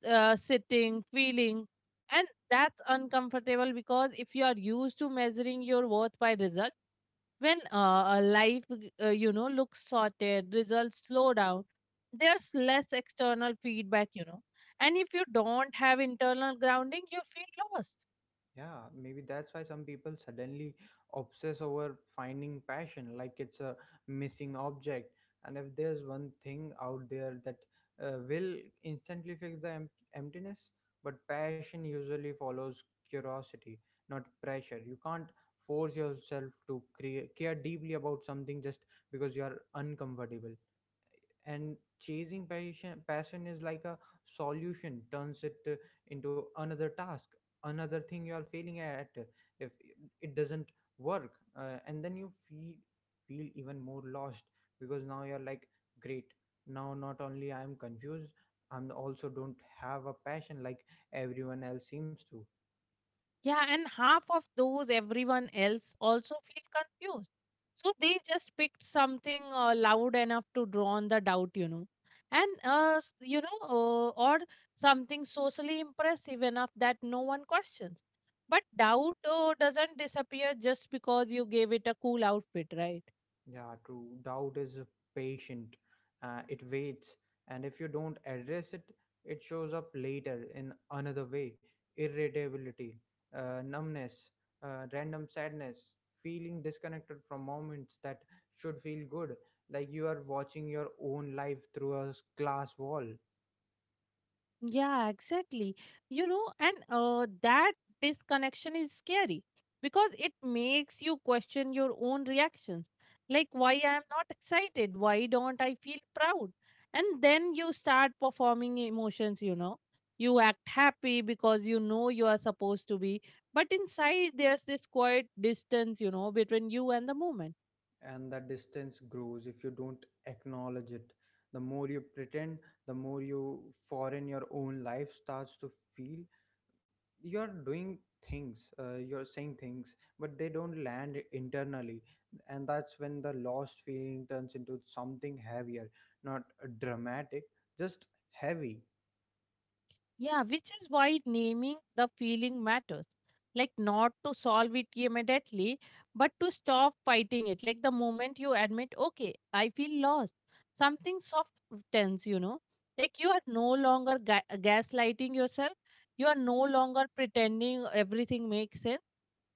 Speaker 2: uh, sitting, feeling. And that's uncomfortable, because if you are used to measuring your worth by result, when uh, a life, uh, you know, looks sorted, results slow down, there's less external feedback, you know. And if you don't have internal grounding, you feel lost.
Speaker 1: Yeah, maybe that's why some people suddenly obsess over finding passion like it's a missing object. And if there's one thing out there that uh, will instantly fix the em- emptiness, but passion usually follows curiosity, not pressure. You can't force yourself to crea- care deeply about something just because you are uncomfortable, and chasing passion passion is like a solution turns it uh, into another task, another thing you are failing at if it doesn't work. Uh, and then you feel feel even more lost because now you're like, great, now not only I'm confused, I'm also don't have a passion like everyone else seems to.
Speaker 2: Yeah, and half of those everyone else also feel confused. So they just picked something uh, loud enough to draw on the doubt, you know. And, uh, s- you know, uh, or something socially impressive enough that no one questions. But doubt uh, doesn't disappear just because you gave it a cool outfit, right?
Speaker 1: Yeah, true. Doubt is a patient. Uh, it waits, and if you don't address it, it shows up later in another way. Irritability, uh, numbness, uh, random sadness, feeling disconnected from moments that should feel good, like you are watching your own life through a s- glass wall.
Speaker 2: Yeah, exactly. You know, and uh, that disconnection is scary because it makes you question your own reactions. Like, why I am not excited? Why don't I feel proud? And then you start performing emotions, you know. You act happy because you know you are supposed to be, but inside there's this quiet distance, you know, between you and the moment.
Speaker 1: And the distance grows if you don't acknowledge it. The more you pretend, the more you foreign your own life starts to feel. You're doing things, uh, you're saying things, but they don't land internally, and that's when the lost feeling turns into something heavier, not dramatic, just heavy.
Speaker 2: Yeah, which is why naming the feeling matters. Like, not to solve it immediately, but to stop fighting it. Like, the moment you admit, okay, I feel lost, something soft tense, you know. Like, you are no longer ga- gaslighting yourself, you are no longer pretending everything makes sense.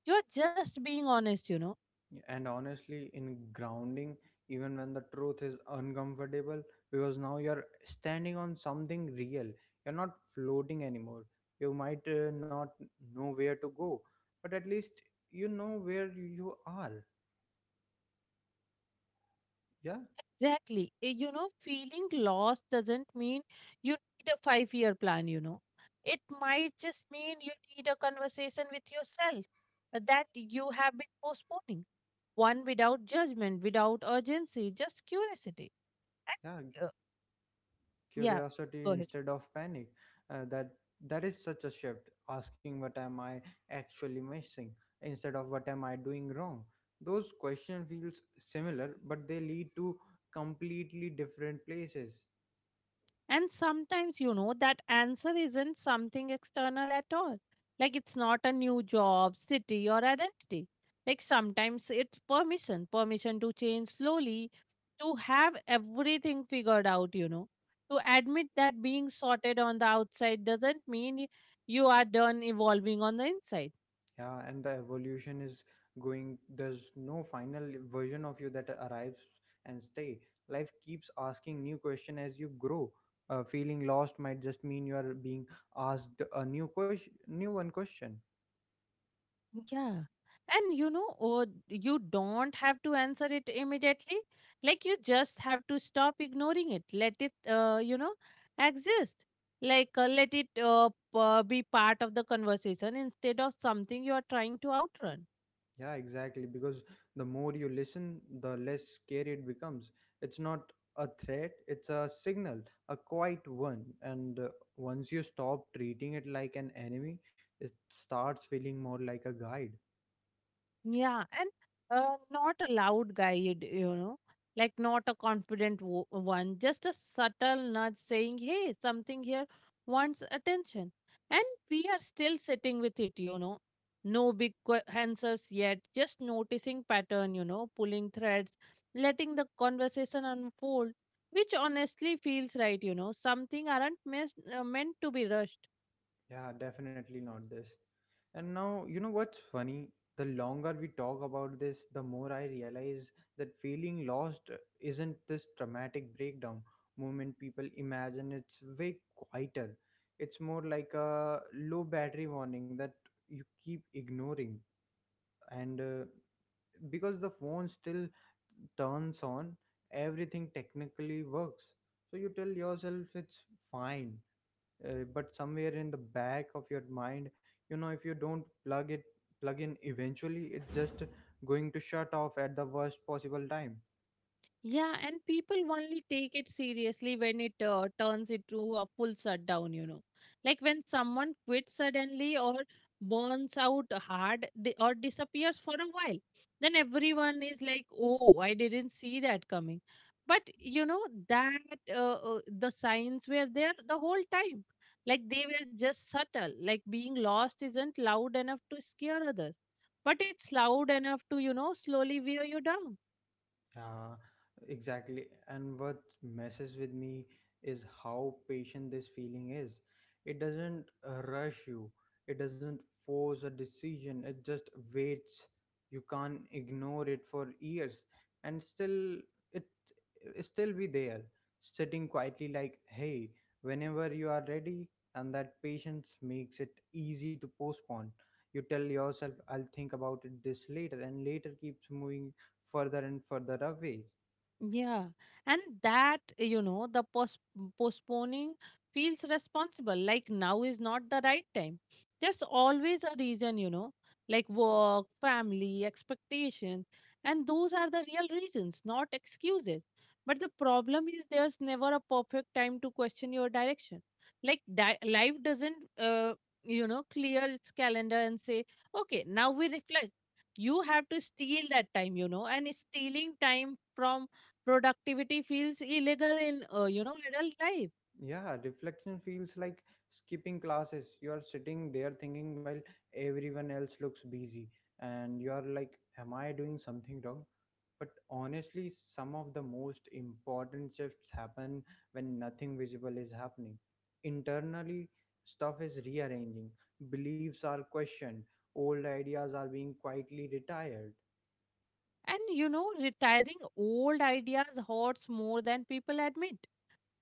Speaker 2: You are just being honest, you know.
Speaker 1: And honestly in grounding even when the truth is uncomfortable, because now you're standing on something real, you're not floating anymore. You might uh, not know where to go, but at least you know where you are. Yeah.
Speaker 2: Exactly. Eh, You know, feeling lost doesn't mean you need a five year plan, you know. It might just mean you need a conversation with yourself uh, that you have been postponing. One without judgment, without urgency, just curiosity.
Speaker 1: Yeah,
Speaker 2: And uh, yeah,
Speaker 1: curiosity
Speaker 2: go ahead.
Speaker 1: instead of panic. Uh, that that is such a shift. Asking, what am I actually missing instead of what am I doing wrong. Those question feels similar, but they lead to completely different places.
Speaker 2: And sometimes, you know, that answer isn't something external at all. Like it's not a new job, city, or identity. Like sometimes it's permission, permission to change slowly, to have everything figured out, you know. To admit that being sorted on the outside doesn't mean you are done evolving on the inside.
Speaker 1: Yeah, and the evolution is going. There's no final version of you that arrives and stay. Life keeps asking new question as you grow. Uh, feeling lost might just mean you are being asked a new question, new one question.
Speaker 2: Yeah. And you know, or you don't have to answer it immediately. Like you just have to stop ignoring it. Let it, uh, you know, exist. Like uh, let it uh, p- uh, be part of the conversation instead of something you are trying to outrun.
Speaker 1: Yeah, exactly. Because the more you listen, the less scary it becomes. It's not a threat, it's a signal, a quiet one. And uh, once you stop treating it like an enemy, it starts feeling more like a guide.
Speaker 2: Yeah, and uh, not a loud guide, you know, like not a confident wo- one, just a subtle nudge saying, hey, something here wants attention. And we are still sitting with it, you know. No big que- answers yet, just noticing pattern, you know, pulling threads, letting the conversation unfold, which honestly feels right, you know. Something aren't mes- uh, meant to be rushed.
Speaker 1: Yeah, definitely not this. And now, you know what's funny? The longer we talk about this, the more I realize that feeling lost isn't this dramatic breakdown moment people imagine. It's way quieter. It's more like a low battery warning that you keep ignoring. And uh, because the phone still turns on, everything technically works. So you tell yourself it's fine, uh, but somewhere in the back of your mind you know if you don't plug it plug in eventually it's just going to shut off at the worst possible time.
Speaker 2: Yeah, and people only take it seriously when it uh, turns into a full shutdown, you know. Like when someone quits suddenly, or burns out hard di- or disappears for a while, then everyone is like, oh, I didn't see that coming. But, you know, that uh, uh, the signs were there the whole time. Like they were just subtle. Like being lost isn't loud enough to scare others, but it's loud enough to, you know, slowly wear you down.
Speaker 1: Yeah, exactly. And what messes with me is how patient this feeling is. It doesn't uh, rush you, it doesn't force a decision, it just waits. You can't ignore it for years and still it, it still be there, sitting quietly like, hey, whenever you are ready, and that patience makes it easy to postpone. You tell yourself, I'll think about it this later, and later keeps moving further and further away.
Speaker 2: Yeah, and that, you know, the post- postponing feels responsible. Like now is not the right time. There's always a reason, you know, like work, family, expectations. And those are the real reasons, not excuses. But the problem is there's never a perfect time to question your direction. Like di- life doesn't, uh, you know, clear its calendar and say, okay, now we reflect. You have to steal that time, you know, and stealing time from productivity feels illegal in, uh, you know, adult life.
Speaker 1: Yeah, reflection feels like skipping classes. You are sitting there thinking while everyone else looks busy, and you are like, am I doing something wrong? But honestly, some of the most important shifts happen when nothing visible is happening. Internally, stuff is rearranging, beliefs are questioned, old ideas are being quietly retired.
Speaker 2: And, you know, retiring old ideas hurts more than people admit.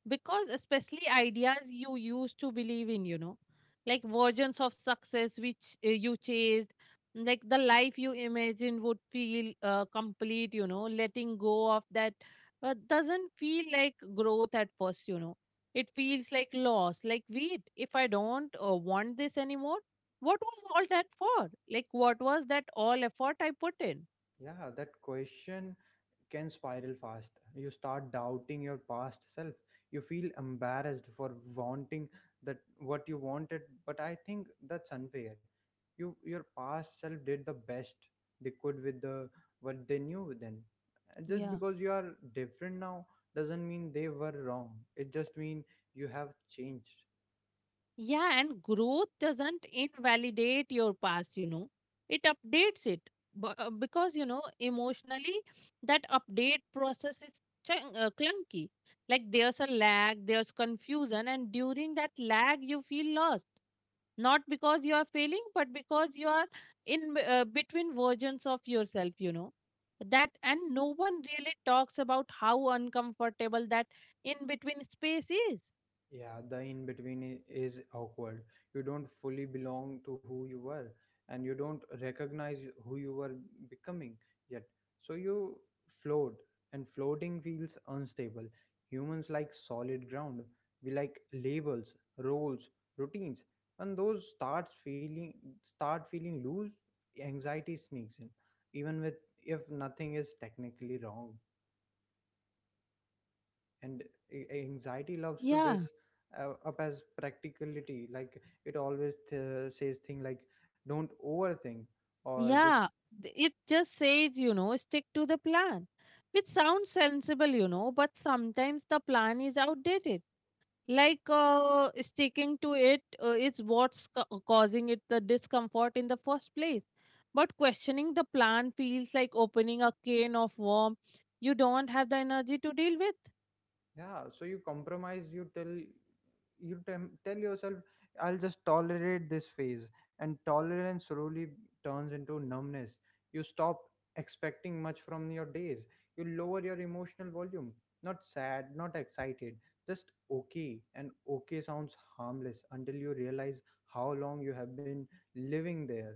Speaker 2: Because especially ideas you used to believe in, you know, like versions of success which uh, you chased, like the life you imagined would feel uh, complete, you know. Letting go of that uh, doesn't feel like growth at first, you know. It feels like loss. Like wait, if I don't uh, want this anymore, what was all that for? Like what was that all effort I put in?
Speaker 1: Yeah, that question can spiral fast. You start doubting your past self. You feel embarrassed for wanting that what you wanted, but I think that's unfair. You your past self did the best they could with the what they knew then. And just
Speaker 2: Yeah.
Speaker 1: because you are different now doesn't mean they were wrong. It just means you have changed.
Speaker 2: Yeah, and growth doesn't invalidate your past, you know. It updates it. Bu- uh, because, you know, emotionally, that update process is chun- uh, clunky. Like there's a lag, there's confusion, and during that lag, you feel lost. Not because you are failing, but because you are in b- uh, between versions of yourself, you know. That and no one really talks about how uncomfortable that in between space is.
Speaker 1: Yeah, the in between i- is awkward. You don't fully belong to who you were, and you don't recognize who you were becoming yet. So you float, and floating feels unstable. Humans like solid ground. We like labels, roles, routines. When those starts feeling start feeling loose, anxiety sneaks in, even with if nothing is technically wrong, and a- anxiety loves to dress
Speaker 2: Yeah.
Speaker 1: uh, up as practicality, like it always th- says thing like, don't overthink, or just.
Speaker 2: Yeah, th- it just says, you know, stick to the plan, which sounds sensible, you know, but sometimes the plan is outdated. Like uh, sticking to it uh, is what's ca- uh, causing it the discomfort in the first place. But questioning the plan feels like opening a can of worm you don't have the energy to deal with.
Speaker 1: Yeah, so you compromise, you tell you tem- tell yourself I'll just tolerate this phase, and tolerance slowly turns into numbness. You stop expecting much from your days. You lower your emotional volume. Not sad, not excited, just okay. And okay sounds harmless until you realize how long you have been living there.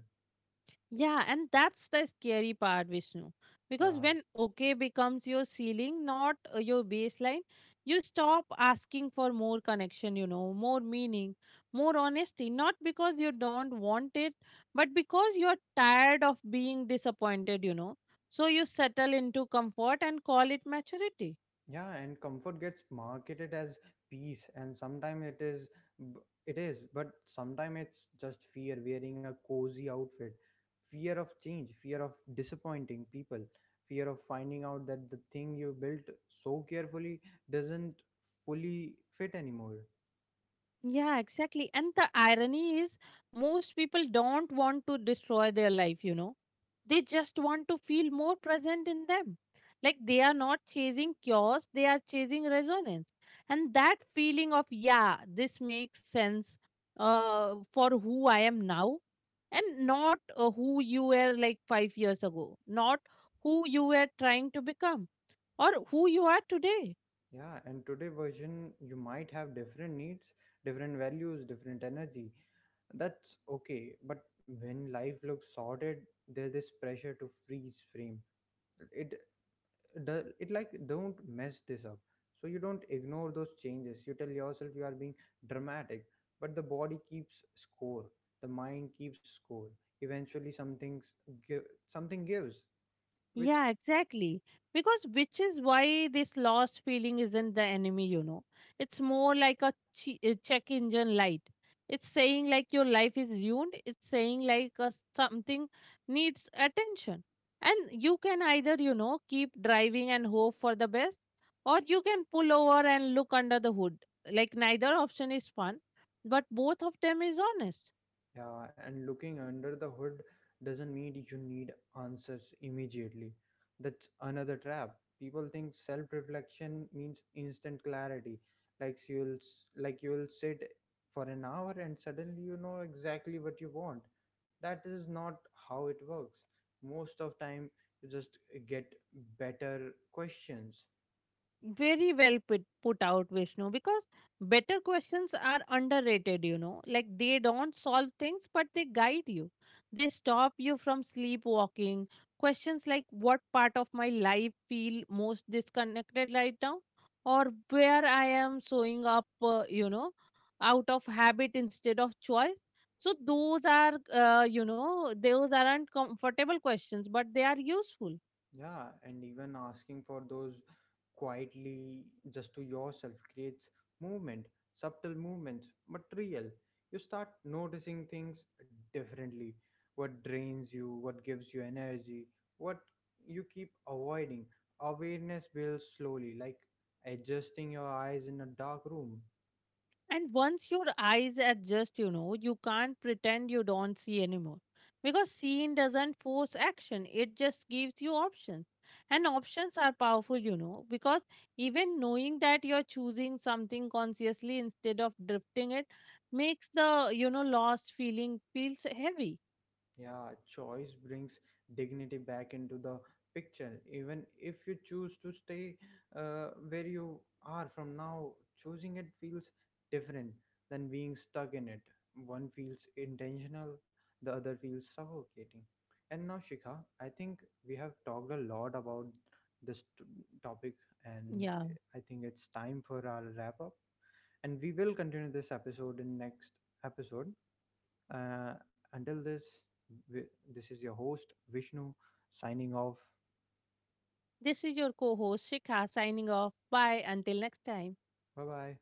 Speaker 2: Yeah, and that's the scary part, Vishnu. Because
Speaker 1: Yeah.
Speaker 2: when okay becomes your ceiling, not uh, your baseline, you stop asking for more connection, you know, more meaning, more honesty. Not because you don't want it, but because you're tired of being disappointed, you know. So you settle into comfort and call it maturity.
Speaker 1: Yeah, and comfort gets marketed as peace, and sometimes it is, b- it is, but sometimes it's just fear wearing a cozy outfit, fear of change, fear of disappointing people, fear of finding out that the thing you built so carefully doesn't fully fit anymore.
Speaker 2: Yeah, exactly. And the irony is, most people don't want to destroy their life, you know. They just want to feel more present in them. Like they are not chasing chaos, they are chasing resonance. And that feeling of, yeah, this makes sense uh, for who I am now, and not uh, who you were like five years ago, not who you were trying to become, or who you are today.
Speaker 1: Yeah, and today version you might have different needs, different values, different energy. That's okay, but when life looks sorted, there's this pressure to freeze frame it, does it like, don't mess this up. So you don't ignore those changes, you tell yourself you are being dramatic, but the body keeps score, the mind keeps score, eventually something's give something gives, which.
Speaker 2: Yeah, exactly. Because which is why this lost feeling isn't the enemy, you know. It's more like a che- a check engine light. It's saying like your life is ruined. It's saying like uh, something needs attention. And you can either, you know, keep driving and hope for the best, or you can pull over and look under the hood. Like neither option is fun, but both of them is honest.
Speaker 1: Yeah, and looking under the hood doesn't mean you need answers immediately. That's another trap. People think self-reflection means instant clarity, like you'll s- like you'll sit for an hour and suddenly you know exactly what you want. That is not how it works. Most of time you just get better questions.
Speaker 2: Very well put, put out, Vishnu, because better questions are underrated, you know. Like they don't solve things, but they guide you. They stop you from sleepwalking. Questions like what part of my life feel most disconnected right now? Or where I am showing up, uh, you know, out of habit instead of choice. So those are, uh, you know, those aren't comfortable questions, but they are useful.
Speaker 1: Yeah, and even asking for those quietly just to yourself creates movement, subtle movements, but real. You start noticing things differently. What drains you, what gives you energy, what you keep avoiding. Awareness builds slowly, like adjusting your eyes in a dark room.
Speaker 2: And once your eyes adjust, you know, you can't pretend you don't see anymore. Because seeing doesn't force action, it just gives you options. And options are powerful, you know, because even knowing that you're choosing something consciously instead of drifting it makes the, you know, lost feeling feels heavy.
Speaker 1: Yeah, choice brings dignity back into the picture. Even if you choose to stay uh, where you are from now, choosing it feels different than being stuck in it. One feels intentional, the other feels suffocating. And now, Shikha, I think we have talked a lot about this t- topic, and
Speaker 2: Yeah.
Speaker 1: I think it's time for our wrap up. And we will continue this episode in next episode. Uh, until this, wi- this is your host, Vishnu, signing off.
Speaker 2: This is your co host, Shikha, signing off. Bye. Until next time.
Speaker 1: Bye bye.